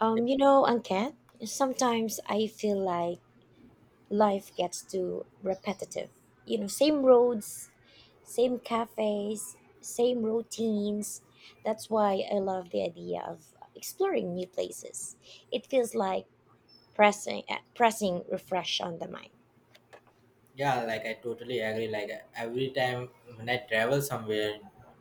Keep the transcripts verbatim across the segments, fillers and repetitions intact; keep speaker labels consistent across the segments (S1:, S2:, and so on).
S1: Um, you know, Anket, sometimes I feel like life gets too repetitive. You know, same roads, same cafes, same routines. That's why I love the idea of exploring new places. It feels like pressing uh, pressing refresh on the mind.
S2: Yeah, like I totally agree. Like every time when I travel somewhere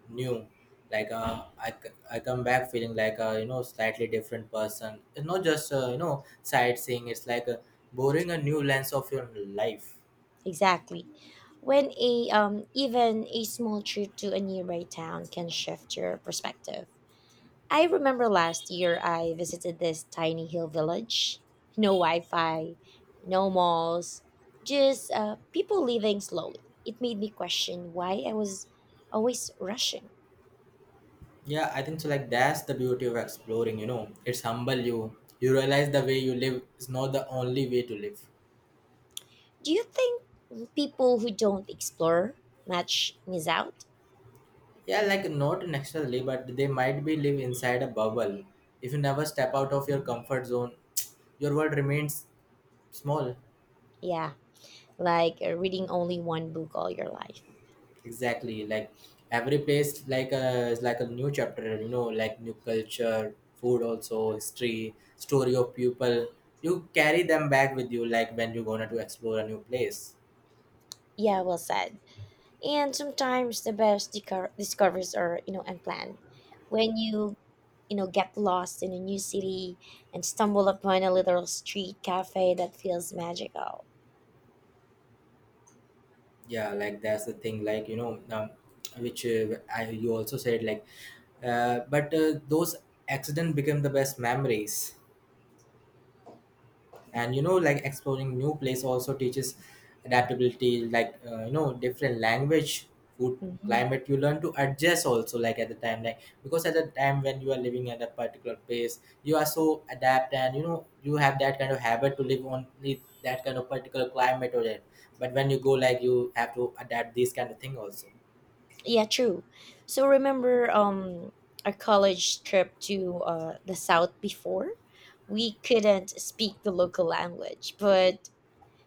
S2: new, like uh, I, c- I come back feeling like a you know slightly different person. It's not just uh, you know sightseeing. It's like uh, boring a new lens of your life.
S1: Exactly. When a um even a small trip to a nearby town can shift your perspective. I remember last year I visited this tiny hill village. No Wi Fi, no malls, just uh, people living slowly. It made me question why I was always rushing.
S2: Yeah, I think so. Like that's the beauty of exploring. You know, it's humble you. You realize the way you live is not the only way to live.
S1: Do you think people who don't explore much miss out?
S2: Yeah, like not externally, but they might be live inside a bubble. If you never step out of your comfort zone, your world remains small.
S1: Yeah, like uh, reading only one book all your life.
S2: Exactly, like every place like a is like a new chapter, you know, like new culture, food also, history, story of people. You carry them back with you like when you gonna to explore a new place.
S1: Yeah, well said. And sometimes the best dico- discoveries are, you know, unplanned. When you, you know, get lost in a new city, and stumble upon a little street cafe that feels magical.
S2: Yeah, like that's the thing. like you know um, which uh, I, you also said like uh, but uh, those accident become the best memories. And you know, like exploring new place also teaches adaptability, like uh, you know, different language, food,
S1: Mhm.
S2: climate, you learn to adjust also. Like at the time, like because at the time when you are living at a particular place, you are so adapt, and you know, you have that kind of habit to live only that kind of particular climate or that, but when you go, like you have to adapt these kind of thing also.
S1: Yeah, true. So remember um our college trip to uh the south before? We couldn't speak the local language, but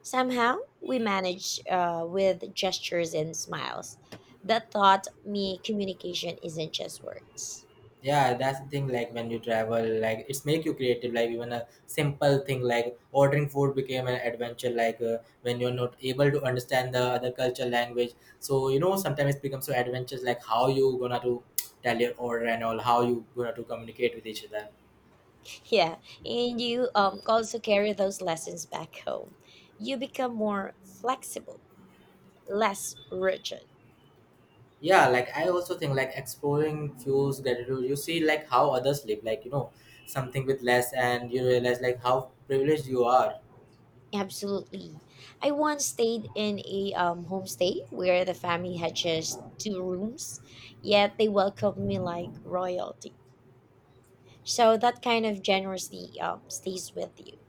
S1: somehow we managed uh with gestures and smiles. That taught me communication isn't just words.
S2: Yeah, that's the thing. Like when you travel, like it's make you creative. Like even a simple thing like ordering food became an adventure. Like uh, when you're not able to understand the other culture language, so you know, sometimes it becomes so adventurous. Like how you gonna to tell your order and all, how you gonna to communicate with each other.
S1: Yeah, and you um also carry those lessons back home. You become more flexible, less rigid.
S2: Yeah, like I also think like exploring fuels gratitude. You see like how others live, like you know, something with less, and you realize like how privileged you are.
S1: Absolutely. I once stayed in a um, homestay where the family had just two rooms, yet they welcomed me like royalty. So that kind of generosity um, stays with you.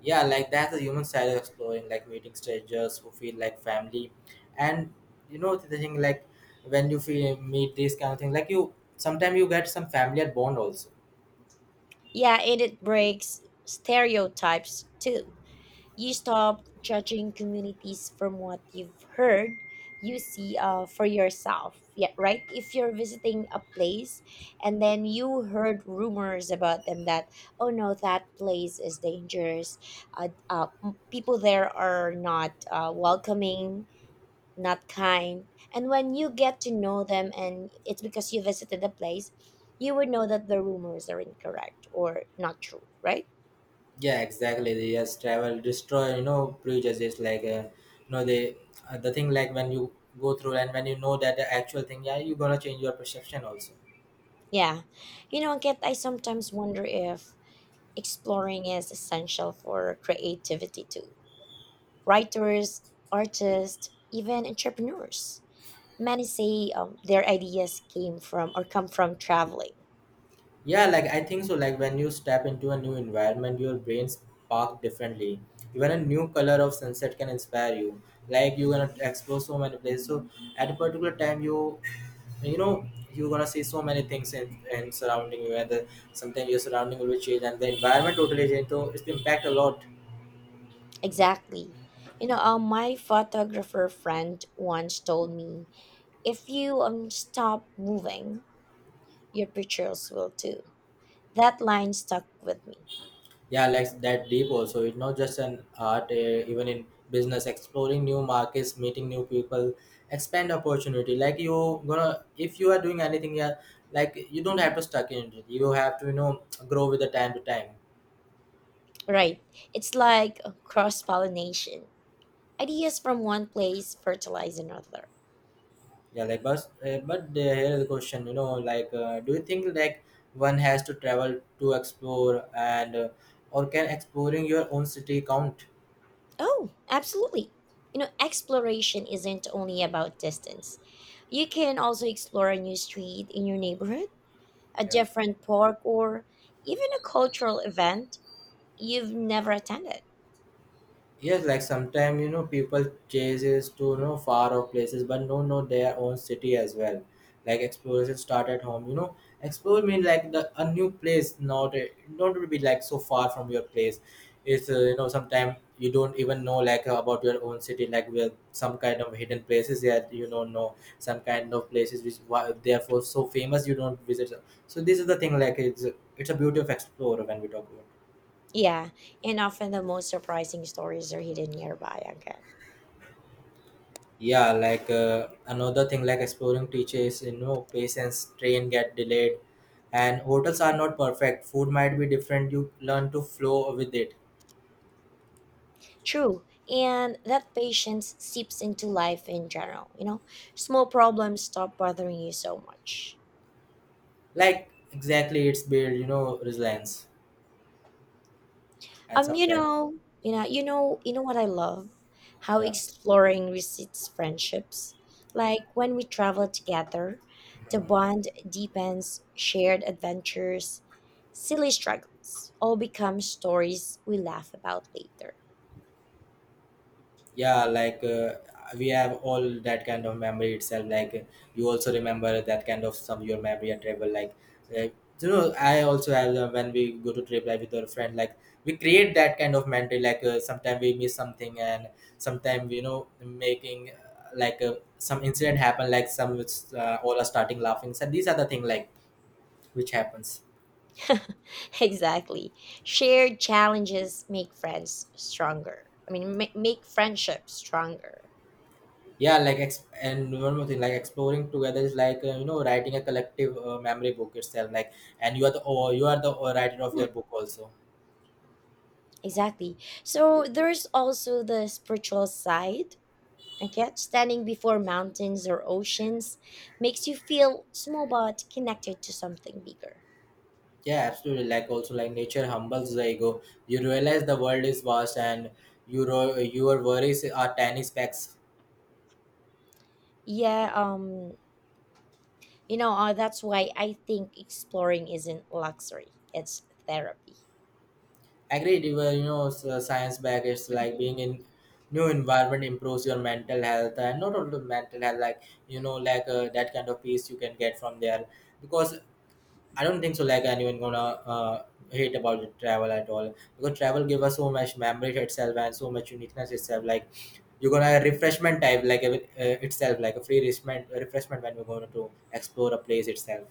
S2: Yeah, like that's the human side of exploring, like meeting strangers who feel like family. And you know, the thing like when you feel meet these kind of thing, like you sometimes you get some familiar bond also.
S1: Yeah, and it breaks stereotypes too. You stop judging communities from what you've heard. You see, uh, for yourself, yeah, right? If you're visiting a place and then you heard rumors about them that, oh no, that place is dangerous, uh, uh, m- people there are not uh, welcoming, not kind. And when you get to know them, and it's because you visited the place, you would know that the rumors are incorrect or not true, right?
S2: Yeah, exactly. They just travel destroy, you know, prejudices. like uh, you know they uh, the thing like when you go through and when you know that the actual thing, yeah, you're gonna change your perception also.
S1: Yeah. You know, Kit, I sometimes wonder if exploring is essential for creativity too. Writers, artists, even entrepreneurs. Many say um, their ideas came from or come from traveling.
S2: Yeah, like I think so. Like when you step into a new environment, your brain spark differently. Even a new color of sunset can inspire you. Like you're gonna explore so many places. So at a particular time, you you know, you're gonna see so many things in, in surrounding you. And the, sometimes your surrounding will be changed, and the environment totally change. So it's impact a lot.
S1: Exactly. You know, um, my photographer friend once told me if you um, stop moving, your pictures will too. That line stuck with me.
S2: Yeah, like that deep also. It's not just an art, uh, even in business, exploring new markets, meeting new people, expand opportunity. Like you gonna, if you are doing anything, yeah, like you don't have to stuck in it. You have to, you know, grow with the time to time.
S1: Right. It's like cross pollination ideas from one place fertilize another.
S2: Yeah, like but uh, but uh, here is the question. You know, like uh, do you think like one has to travel to explore and uh, or can exploring your own city count?
S1: Oh, absolutely. You know, exploration isn't only about distance. You can also explore a new street in your neighborhood, a
S2: Yeah.
S1: different park, or even a cultural event you've never attended.
S2: Yes, like sometimes you know, people chases to you know, far off places, but no, no, their own city as well. Like exploration start at home. You know, explore mean like the a new place, not a- not to be like so far from your place. It's uh, you know, sometimes you don't even know like uh, about your own city, like where some kind of hidden places that you don't know, some kind of places which why- therefore so famous you don't visit. So this is the thing like it's it's a beauty of explorer when we talk about.
S1: Yeah, and often the most surprising stories are hidden nearby again.
S2: Yeah, like uh, another thing, like exploring teachers you know patience, train get delayed and hotels are not perfect, food might be different, you learn to flow with it.
S1: True, and that patience seeps into life in general. You know, small problems stop bothering you so much.
S2: Like exactly, it's build, you know, resilience. And
S1: Um, you
S2: sometimes,
S1: know, you know, you know, you know what I love? How
S2: yeah.
S1: exploring receipts friendships. Like when we travel together, the bond deepens, shared adventures, silly struggles, all become stories we laugh about later.
S2: Yeah, like uh, we have all that kind of memory itself. like uh, you also remember that kind of some your memory and travel. like uh, you know, I also have uh, when we go to trip like with our friend, like we create that kind of memory. like uh, sometimes we miss something, and sometimes you know, making uh, like uh, some incident happen, like some which uh, all are starting laughing. So these are the thing like which happens.
S1: exactly. Shared challenges make friends stronger. I mean, ma- make friendship stronger.
S2: Yeah, like ex- and one more thing, like exploring together is like uh, you know, writing a collective uh, memory book itself. Like and you are the, or you are the uh, writer of your book also.
S1: Exactly. So there's also the spiritual side. Okay, standing before mountains or oceans makes you feel small but connected to something bigger.
S2: Yeah, absolutely. Like also, like nature humbles the ego, you realize the world is vast and your your worries are tiny specks.
S1: Yeah, um, you know, uh, that's why I think exploring isn't luxury, it's therapy.
S2: Agreed, you were you know, s- uh, science back, it's like being in new environment improves your mental health. And not only mental health, like you know, like uh, that kind of peace you can get from there. Because I don't think so. Like anyone gonna uh, hate about the travel at all, because travel give us so much memory itself and so much uniqueness itself. Like you're gonna refreshment type like uh, itself, like a free refreshment refreshment when you are going to explore a place itself.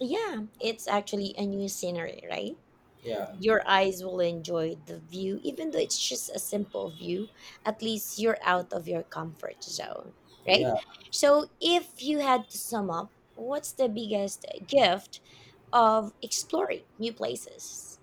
S1: Yeah, it's actually a new scenery, right?
S2: Yeah,
S1: Your eyes will enjoy the view, even though it's just a simple view. At least you're out of your comfort zone, right?
S2: yeah.
S1: So, if you had to sum up, what's the biggest gift of exploring new places?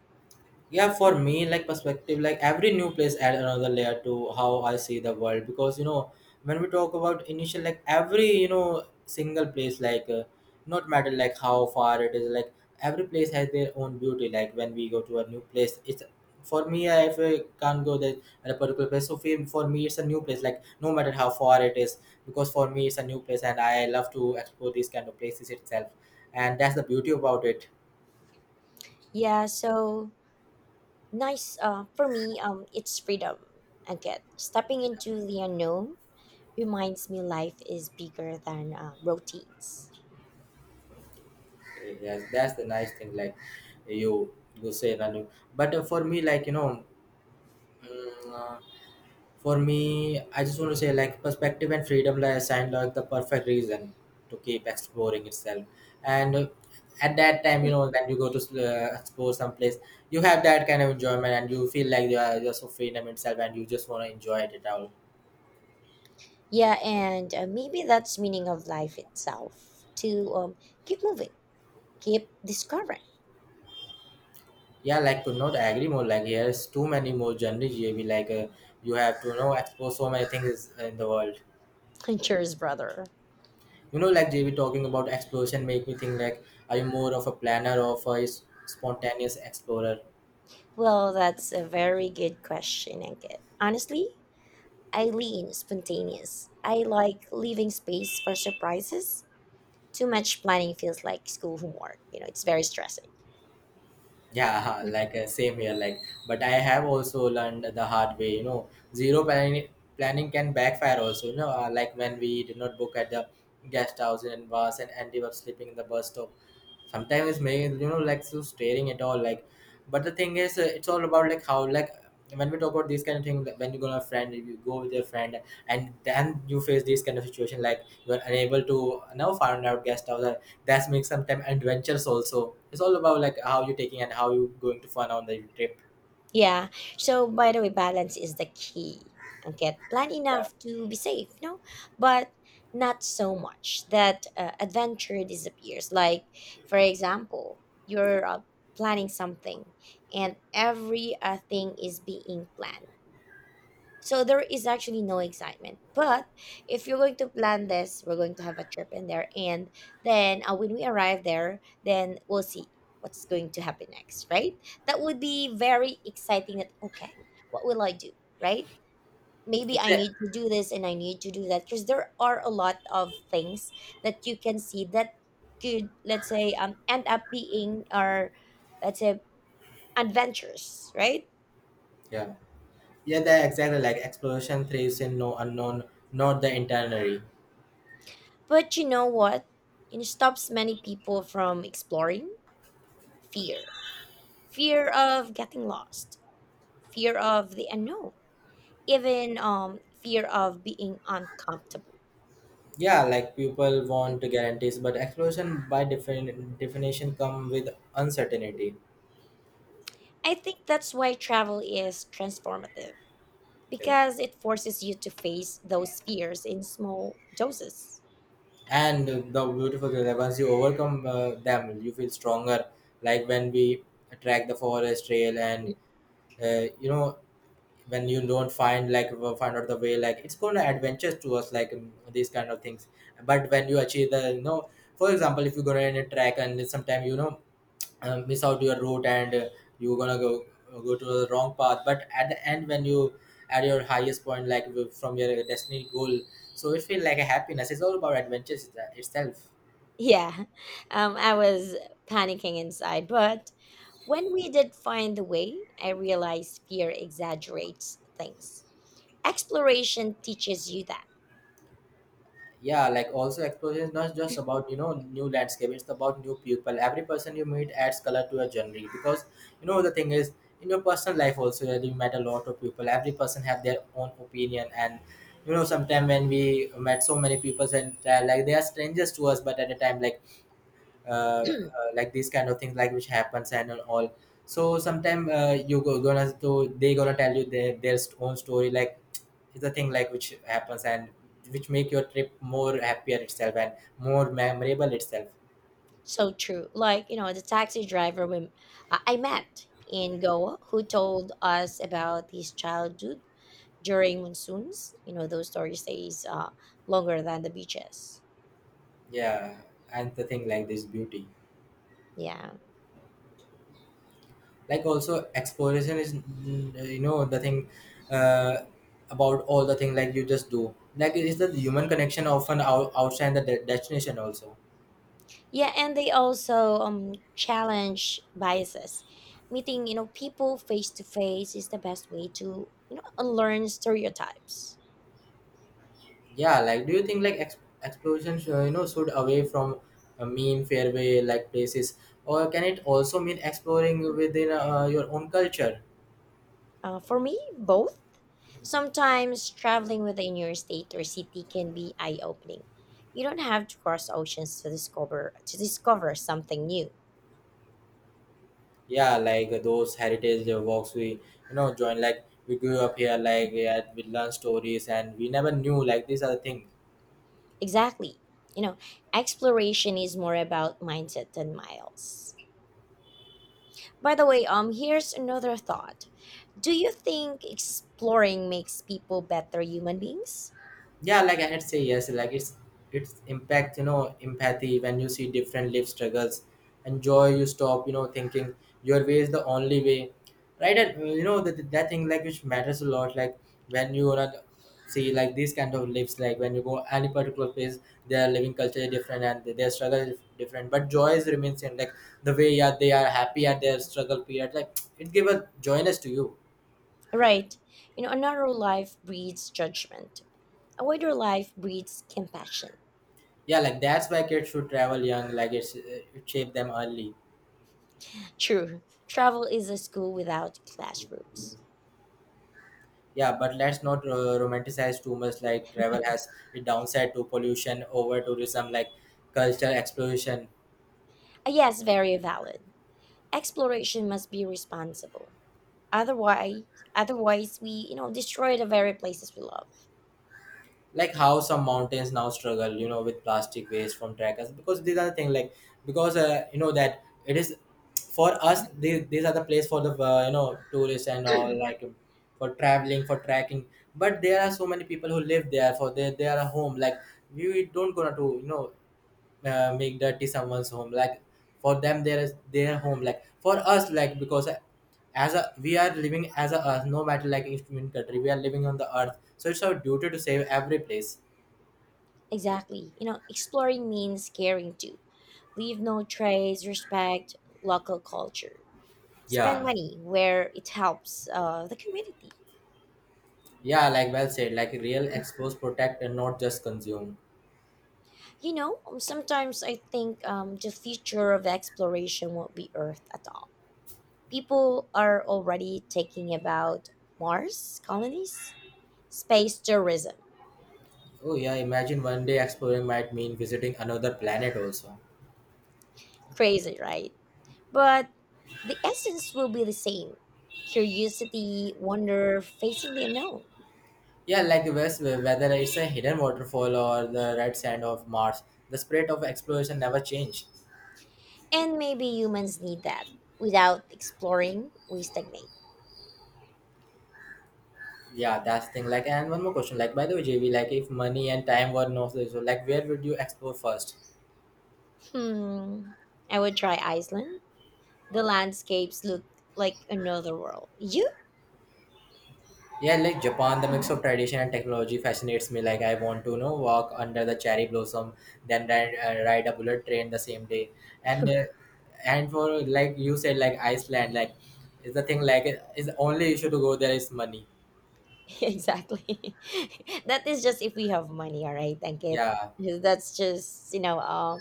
S2: Yeah, for me like perspective, like every new place add another layer to how I see the world. Because you know, when we talk about initial, like every you know, single place, like uh, not matter like how far it is. Like every place has their own beauty. Like when we go to a new place, it's for me, I- if I can't go there at a particular place, so for for me it's a new place, like no matter how far it is. Because for me it's a new place and I love to explore these kind of places itself, and that's the beauty about it.
S1: Yeah, so nice uh, for me, um, it's freedom. Again, stepping into the unknown reminds me life is bigger than uh, routines.
S2: Yes, that's the nice thing, like you you say, Ranu. But uh, for me, like you know, mm, uh, for me, I just want to say like perspective and freedom, like assigned like the perfect reason to keep exploring itself. And uh, at that time, you know, when you go to uh, explore someplace, you have that kind of enjoyment and you feel like you are just so freedom itself and you just want to enjoy it all.
S1: Yeah, and uh, maybe that's meaning of life itself to um, keep moving, keep discovering?
S2: Yeah, like to not agree more. Like here's too many more journeys you be. like uh, you have to, you know, explore so many things in the world.
S1: Cheers, brother.
S2: You know, like J V talking about exploration make me think like, are you more of a planner or of a s- spontaneous explorer?
S1: Well, that's a very good question, Ankit. Honestly, I lean spontaneous. I like leaving space for surprises. Too much planning feels like school homework. You know, it's very stressing.
S2: Yeah, like uh, same here. Like, but I have also learned the hard way. You know, zero planning planning can backfire also. You know, uh, like when we did not book at the guest house in bus and Andy was sleeping in the bus stop. Sometimes it's making you know like so staring at all. Like, but the thing is, uh, it's all about like how like when we talk about these kind of thing, like, when you go to a friend, you go with your friend, and then you face this kind of situation like you are unable to now find out guest house, that's make some time adventures also. It's all about like how you're taking and how you're going to fun on the trip.
S1: Yeah. So by the way, balance is the key. Okay, plan
S2: Yeah,
S1: enough to be safe, no, but not so much that uh, adventure disappears. Like, for example,
S2: yeah,
S1: you're uh, planning something, and every uh, thing is being planned. So there is actually no excitement. But if you're going to plan this, we're going to have a trip in there, and then uh, when we arrive there, then we'll see what's going to happen next, right? That would be very exciting. That okay, what will I do, right? Maybe I
S2: exactly.
S1: need to do this and I need to do that because there are a lot of things that you can see that could, let's say, um, end up being our, let's say, adventures, right?
S2: Yeah, yeah, that exactly. Like exploration thrives in no unknown, not the itinerary.
S1: But you know what? It stops many people from exploring fear. Fear of getting lost, fear of the unknown, even um, fear of being uncomfortable.
S2: Yeah, like people want guarantees, but exploration by defin- definition come with uncertainty.
S1: I think that's why travel is transformative
S2: Yeah.
S1: because it forces you to face those fears in small doses.
S2: And the beautiful thing that once you overcome uh, them, you feel stronger, like when we track the forest trail and uh, you know when you don't find like w- find out the way, like it's going to adventures to us, like um, these kind of things. But when you achieve the, you know, for example, if you go in a track and sometime, you know, uh, miss out your route and uh, you're gonna go uh, go to the wrong path, but at the end when you at your highest point, like w- from your destiny goal, so it feels like a happiness. It's all about adventures itse- itself
S1: Yeah, um, I was panicking inside, but when we did find the way, I realized fear exaggerates things. Exploration teaches you that.
S2: Yeah, like also explosion is not just about, you know, new landscape, it's about new people. Every person you meet adds color to a journey, because, you know, the thing is, in your personal life also, you met a lot of people. Every person have their own opinion, and, you know, sometimes when we met so many people and, uh, like they are strangers to us, but at a time, like uh, uh, like these kind of things, like which happens and all. So sometime, uh, you go, gonna to, they gonna tell you their their own story, like it's a thing like which happens and which make your trip more happier itself and more memorable itself.
S1: So true. Like, you know, the taxi driver we, I I met in Goa who told us about his childhood during monsoons. You know, those stories stays uh, longer than the beaches.
S2: Yeah, and the thing like this beauty,
S1: Yeah.
S2: like also exploration is mm, you know the thing, uh, about all the thing like you just do, like it is the human connection often out, outside the de- destination also.
S1: Yeah, and they also um challenge biases. Meeting, you know, people face to face is the best way to, you know, unlearn stereotypes.
S2: Yeah, like do you think like ex- explosion sh- you know should away from uh, mean fairway like places, or can it also mean exploring within uh, your own culture?
S1: Uh, for me, both. Sometimes traveling within your state or city can be eye-opening. You don't have to cross oceans to discover to discover something new.
S2: Yeah, like those heritage uh, walks we, you know, join, like we grew up here, like yeah, we learn stories and we never knew like these are the things.
S1: Exactly. You know, Exploration is more about mindset than miles. By the way, um here's another thought. Do you think exploring makes people better human beings?
S2: Yeah, like I'd say yes, like it's it's impact, you know, empathy when you see different life struggles and joy. You stop, you know, thinking your way is the only way, right? And you know that that thing like which matters a lot, like when you wanna see like these kind of lives, like when you go any particular place, their living culture is different and their struggle is different, but joy is remains same, like the way, yeah, they are happy at their struggle period, like it give a joyness to you.
S1: Right. You know, a narrow life breeds judgment. A wider life breeds compassion.
S2: Yeah, like that's why kids should travel young, like it's, it should shape them early.
S1: True. Travel is a school without classrooms.
S2: Yeah, but let's not uh, romanticize too much, like travel has a downside to pollution, over tourism, like cultural explosion.
S1: Uh, yes, very valid. Exploration must be responsible. otherwise otherwise we you know destroy the very places we love.
S2: Like how some mountains now struggle, you know, with plastic waste from trackers, because these are the thing, like because, uh, you know that it is, for us these, these are the place for the, uh, you know, tourists and all, like for traveling, for trekking. But there are so many people who live there, for they, they are a home, like we don't gonna to, you know, uh, make dirty someone's home, like for them there is their home, like for us, like because as a we are living as a earth, no matter like instrument country, we are living on the earth, so it's our duty to save every place.
S1: Exactly. You know exploring means caring too. Leave no trace, respect local culture, spend
S2: Yeah,
S1: money where it helps uh, the community.
S2: yeah, like well said, like real expose protect and not just consume.
S1: You know um, sometimes I think um, the future of exploration won't be Earth at all. People are already taking about Mars colonies, space tourism.
S2: Oh yeah, imagine one day exploring might mean visiting another planet also.
S1: Crazy, right? But the essence will be the same: curiosity, wonder, facing the unknown.
S2: Yeah, like the west, whether it's a hidden waterfall or the red sand of Mars, the spirit of exploration never change.
S1: And maybe humans need that. Without exploring, we stagnate.
S2: Yeah, that's the thing, like, and one more question, like by the way, jv like if money and time were no so so, like where would you explore first?
S1: Hmm. I would try Iceland. The landscapes look like another world. You?
S2: Yeah, like Japan, the mix of tradition and technology fascinates me. Like, I want to, you know, walk under the cherry blossom, then ride, uh, ride a bullet train the same day. And uh, and for like you said, like Iceland, like is the thing like is the only issue to go there is money.
S1: exactly. that is just if we have money, all right? Thank it.
S2: Yeah,
S1: That's just, you know, uh,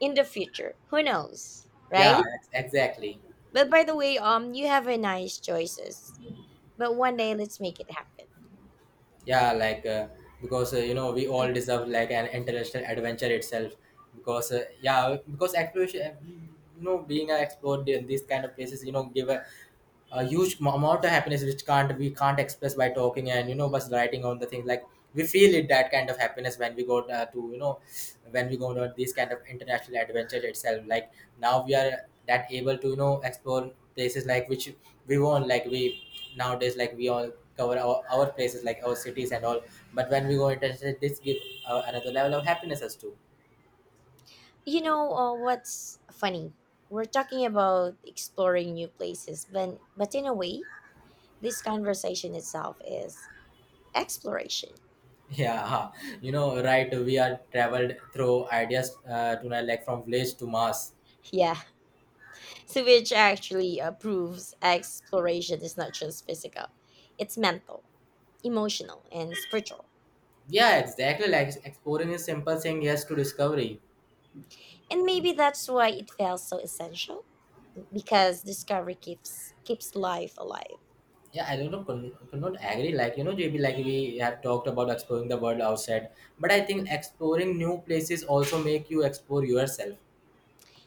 S1: in the future. Who knows,
S2: yeah,
S1: right?
S2: ex- exactly.
S1: But by the way, um, you have a nice choices. But one day, let's make it happen.
S2: Yeah, like uh, because, uh, you know, we all deserve like an international adventure itself. Because uh, yeah, because exploration, you know, being an explorer in these kind of places, you know, give a a huge mo- amount of happiness which can't we can't express by talking and, you know, just writing on the thing, like we feel it, that kind of happiness when we go, uh, to, you know, when we go on these kind of international adventures itself, like now we are that able to, you know, explore places like which we want, like we nowadays, like we all cover our, our places, like our cities and all, but when we go international, this give uh, another level of happiness as too.
S1: You know uh, what's funny? We're talking about exploring new places, but but in a way, this conversation itself is exploration.
S2: Yeah, you know right, we are traveled through ideas, uh, to like from village to mass.
S1: Yeah, so which actually uh, proves exploration is not just physical; it's mental, emotional, and spiritual.
S2: Yeah, exactly. Like exploring is simple, saying yes to discovery.
S1: And maybe that's why it feels so essential because discovery keeps keeps life alive.
S2: Yeah, I don't know, could, could not agree. Like, you know, J B, like we have talked about exploring the world outside, but I think exploring new places also make you explore yourself.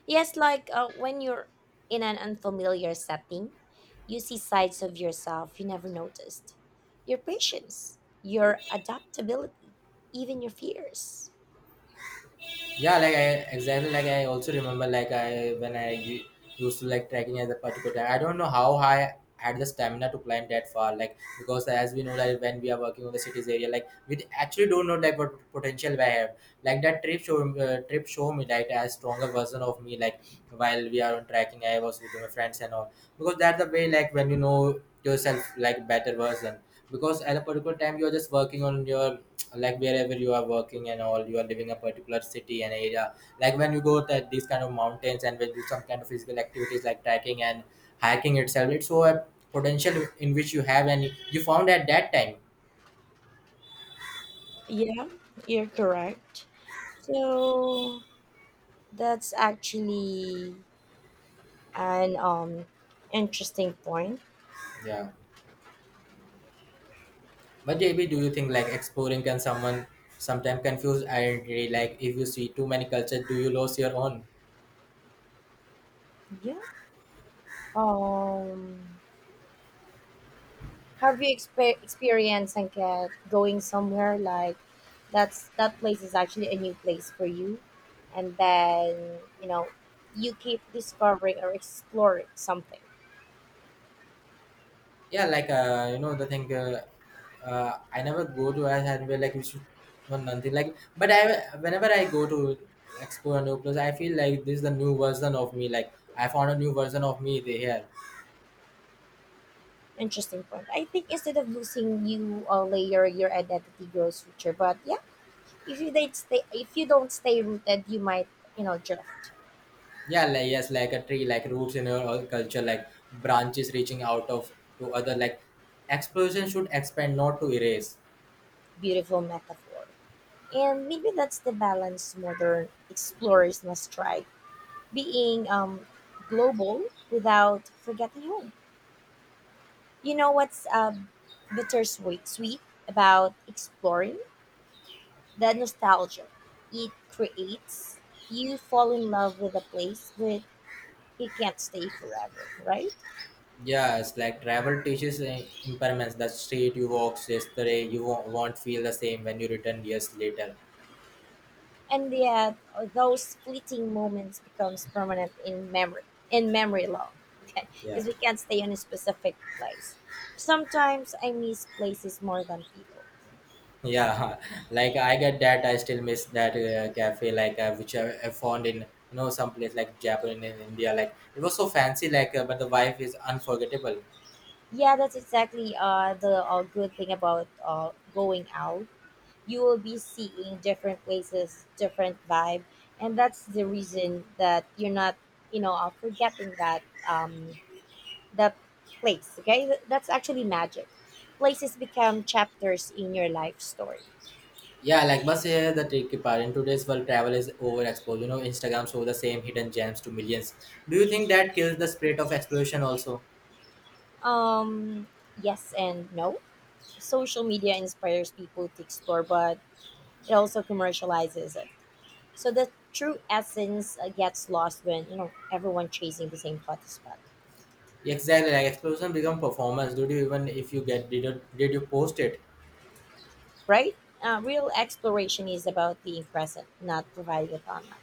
S1: Yes, like uh, when you're in an unfamiliar setting, you see sides of yourself you never noticed. Your patience, your adaptability, even your fears.
S2: Yeah, like i exactly, like I also remember, like I when I u- used to like trekking at a particular time, I don't know how high I had the stamina to climb that far, like because as we know, like when we are working on the cities area, like we actually don't know like what potential I have. Like that trip show uh, trip show me like a stronger version of me, like while we are on trekking, I was with my friends and all, because that's the way, like when you know yourself like better version, because at a particular time you are just working on your, like wherever you are working and all, you are living a particular city and area, like when you go to these kind of mountains and when you do some kind of physical activities like trekking and hiking itself, it's so a potential in which you have and you found at that time.
S1: Yeah, you're correct. So that's actually an um interesting point.
S2: Yeah, but J B, do you think like exploring can someone sometimes confuse identity, like if you see too many cultures do you lose your own?
S1: Yeah. Um Have you expe- experienced and get going somewhere like that's that place is actually a new place for you, and then you know you keep discovering or exploring something
S2: Yeah, like uh, you know the thing. Uh, uh, I never go to a anywhere like you should know nothing like. But I whenever I go to explore a new place, I feel like this is the new version of me. Like I found a new version of me there here.
S1: interesting point. I think instead of losing you a layer, your identity grows richer. But yeah, if you don't stay, if you don't stay rooted, you might you know drift.
S2: Yeah, like yes, like a tree, like roots in our culture, like branches reaching out of to other. Like explosion should expand, not to erase.
S1: Beautiful metaphor, and maybe that's the balance modern explorers must try being um, global without forgetting home. You know what's um, bittersweet sweet about exploring the nostalgia it creates? You fall in love with a place but you can't stay forever, right?
S2: Yes, like travel teaches uh, impermanence. The street you walk yesterday, you won't won't feel the same when you return years later.
S1: And yet, uh, those fleeting moments becomes permanent in memory, in memory long, okay?
S2: Yeah.
S1: Because we can't stay in a specific place. Sometimes I miss places more than people.
S2: Yeah, like I get that. I still miss that uh, cafe, like uh, which I, I found in, you know, some place like Japan in India. Like it was so fancy, like uh, but the vibe is unforgettable.
S1: Yeah, that's exactly uh, the uh, good thing about uh, going out. You will be seeing different places, different vibe, and that's the reason that you're not, you know, uh, forgetting that um, that place. Okay, Th- that's actually magic. Places become chapters in your life story.
S2: Yeah, like but uh, the tricky part in today's world, travel is overexposed. You know, Instagram show the same hidden gems to millions. Do you think that kills the spirit of exploration also?
S1: Um, yes and no. Social media inspires people to explore, but it also commercializes it. So the true essence uh, gets lost when you know everyone chasing the same plot is back,
S2: Exactly, like exploration become performance. Do you even if you get did you, did you post it?
S1: right? Uh, real exploration is about being present, not providing it online.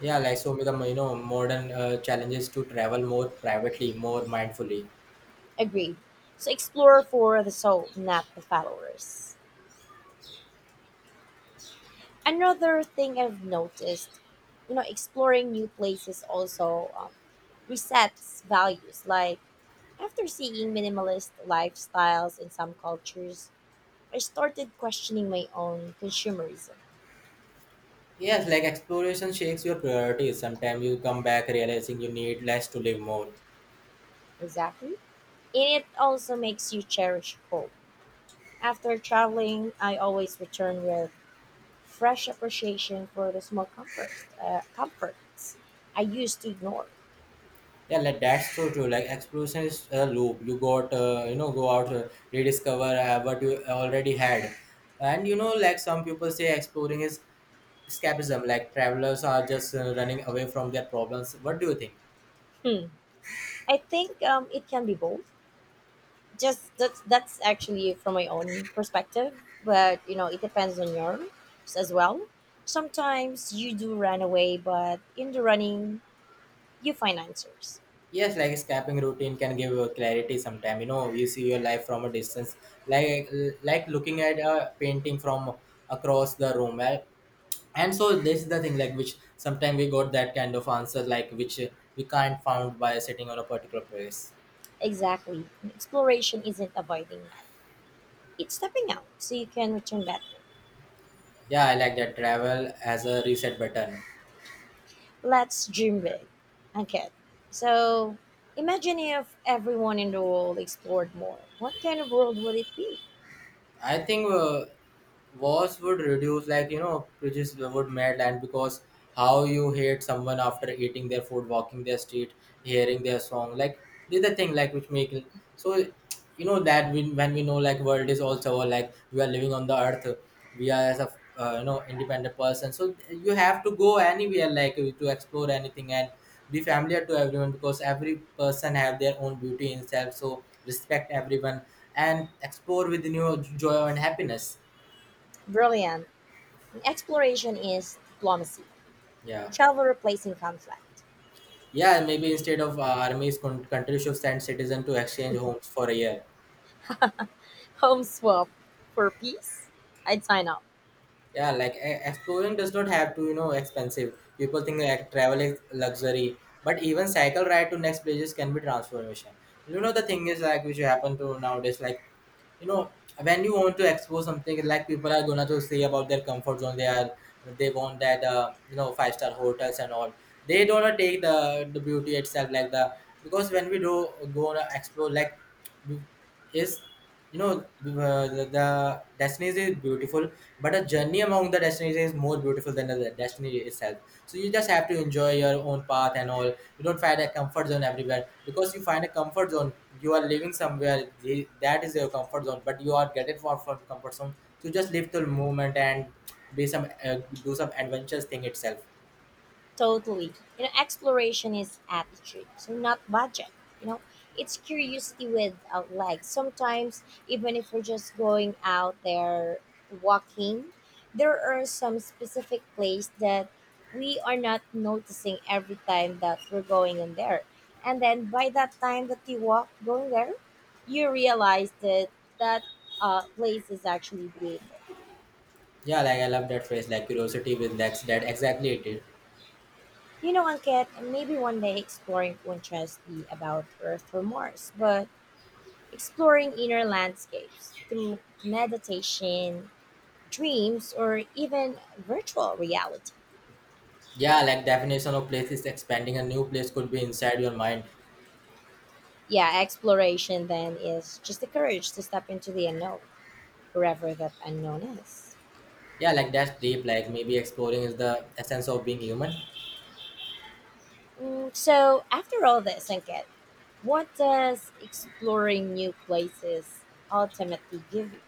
S2: Yeah, like so become, you know, modern uh, challenges to travel more privately, more mindfully.
S1: Agreed. So explore for the soul, not the followers. Another thing I've noticed, you know, exploring new places also um, resets values. Like after seeing minimalist lifestyles in some cultures, I started questioning my own consumerism.
S2: Yes, like exploration shakes your priorities. Sometimes you come back realizing you need less to live more.
S1: Exactly. And it also makes you cherish hope. After traveling, I always return with fresh appreciation for the small comforts, uh, comforts I used to ignore.
S2: Yeah, like that's so true. Like exploration is a loop. You got uh, you know, go out, uh, rediscover uh, what you already had, and you know, like some people say exploring is escapism. Like travelers are just uh, running away from their problems. What do you think?
S1: Hmm. I think um, it can be both. Just that's that's actually from my own perspective, but you know it depends on yours as well. Sometimes you do run away, but in the running, you find answers.
S2: Yes, like escaping routine can give you clarity sometime. You know, you see your life from a distance, like like looking at a painting from across the room. Eh? And so this is the thing, like which sometimes we got that kind of answer, like which uh, we can't found by sitting on a particular place.
S1: Exactly, exploration isn't avoiding that; it's stepping out so you can return better.
S2: Yeah, I like that, travel as a reset button.
S1: let's dream big. Okay. So imagine if everyone in the world explored more. What kind of world would it be?
S2: I think uh, wars would reduce, like you know, prejudice would melt, and because how you hate someone after eating their food, walking their street, hearing their song, like this is the thing, like which make so, you know, that we, when we know like world is also like we are living on the earth, we are as a uh, you know, independent person, so you have to go anywhere, like uh, to explore anything and be familiar to everyone, because every person have their own beauty in self, so respect everyone and explore with new joy and happiness.
S1: Brilliant. Exploration is diplomacy.
S2: Yeah,
S1: Travel replacing conflict.
S2: yeah, maybe instead of uh, armies, con- country should send citizen to exchange homes for one year.
S1: Home swap for peace. I'd sign up.
S2: Yeah, like e- exploring does not have to, you know, expensive. People think like travel is luxury, but even cycle ride to next places can be transformation. You know, the thing is like which happen to nowadays, like you know, when you want to explore something, like people are gonna to say about their comfort zone. They are they want that, uh, you know, five star hotels and all. They don't wanna take the the beauty itself, like the, because when we do go on a explore, like is, you know, uh, the, the destination is beautiful, but a journey among the destination is more beautiful than the destiny itself. So you just have to enjoy your own path and all. You don't find a comfort zone everywhere, because you find a comfort zone, you are living somewhere, the- that is your comfort zone, but you are getting far from comfort zone, so just live the moment and be some uh, do some adventurous thing itself.
S1: Totally. You know, exploration is attitude, so not budget. You know, it's curiosity without legs. Sometimes, even if we're just going out there walking, there are some specific place that we are not noticing every time that we're going in there. And then by that time that you walk going there, you realize that that uh, place is actually beautiful.
S2: Yeah, like I love that phrase, like curiosity with legs, that exactly it is.
S1: You know, Angket, maybe one day exploring won't just be about Earth or Mars, but exploring inner landscapes through meditation, dreams, or even virtual reality.
S2: Yeah, like definition of place is expanding, a new place could be inside your mind.
S1: Yeah, exploration then is just the courage to step into the unknown, wherever that unknown is.
S2: Yeah, like that's deep. Like maybe exploring is the essence of being human.
S1: Mm, so, after all this, Ankit, what does exploring new places ultimately give you?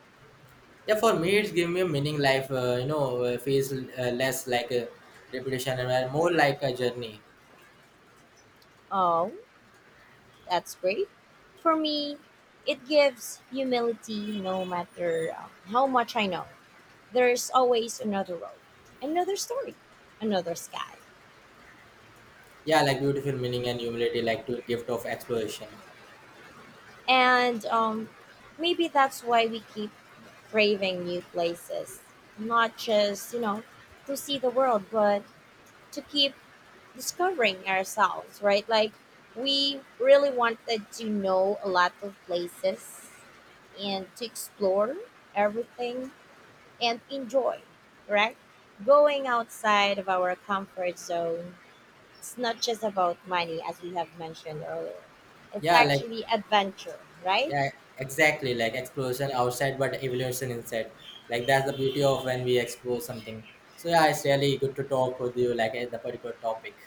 S2: Yeah, for me, it's giving me a meaning. Life, uh, you know, uh, feels uh, less like a repetition and uh, more like a journey.
S1: Oh, that's great. For me, it gives humility no matter um, how much I know. There's always another road, another story, another sky.
S2: Yeah, like beautiful meaning and humility, like to gift of exploration.
S1: And um, maybe that's why we keep craving new places, not just, you know, to see the world, but to keep discovering ourselves, right? Like, we really wanted to know a lot of places and to explore everything and enjoy, right? Going outside of our comfort zone, it's not just about money, as we have mentioned earlier. It's
S2: Yeah, like
S1: actually adventure, right?
S2: yeah, exactly. Like exploration outside, but evolution inside. Like that's the beauty of when we explore something. So yeah, it's really good to talk with you, like at the particular topic.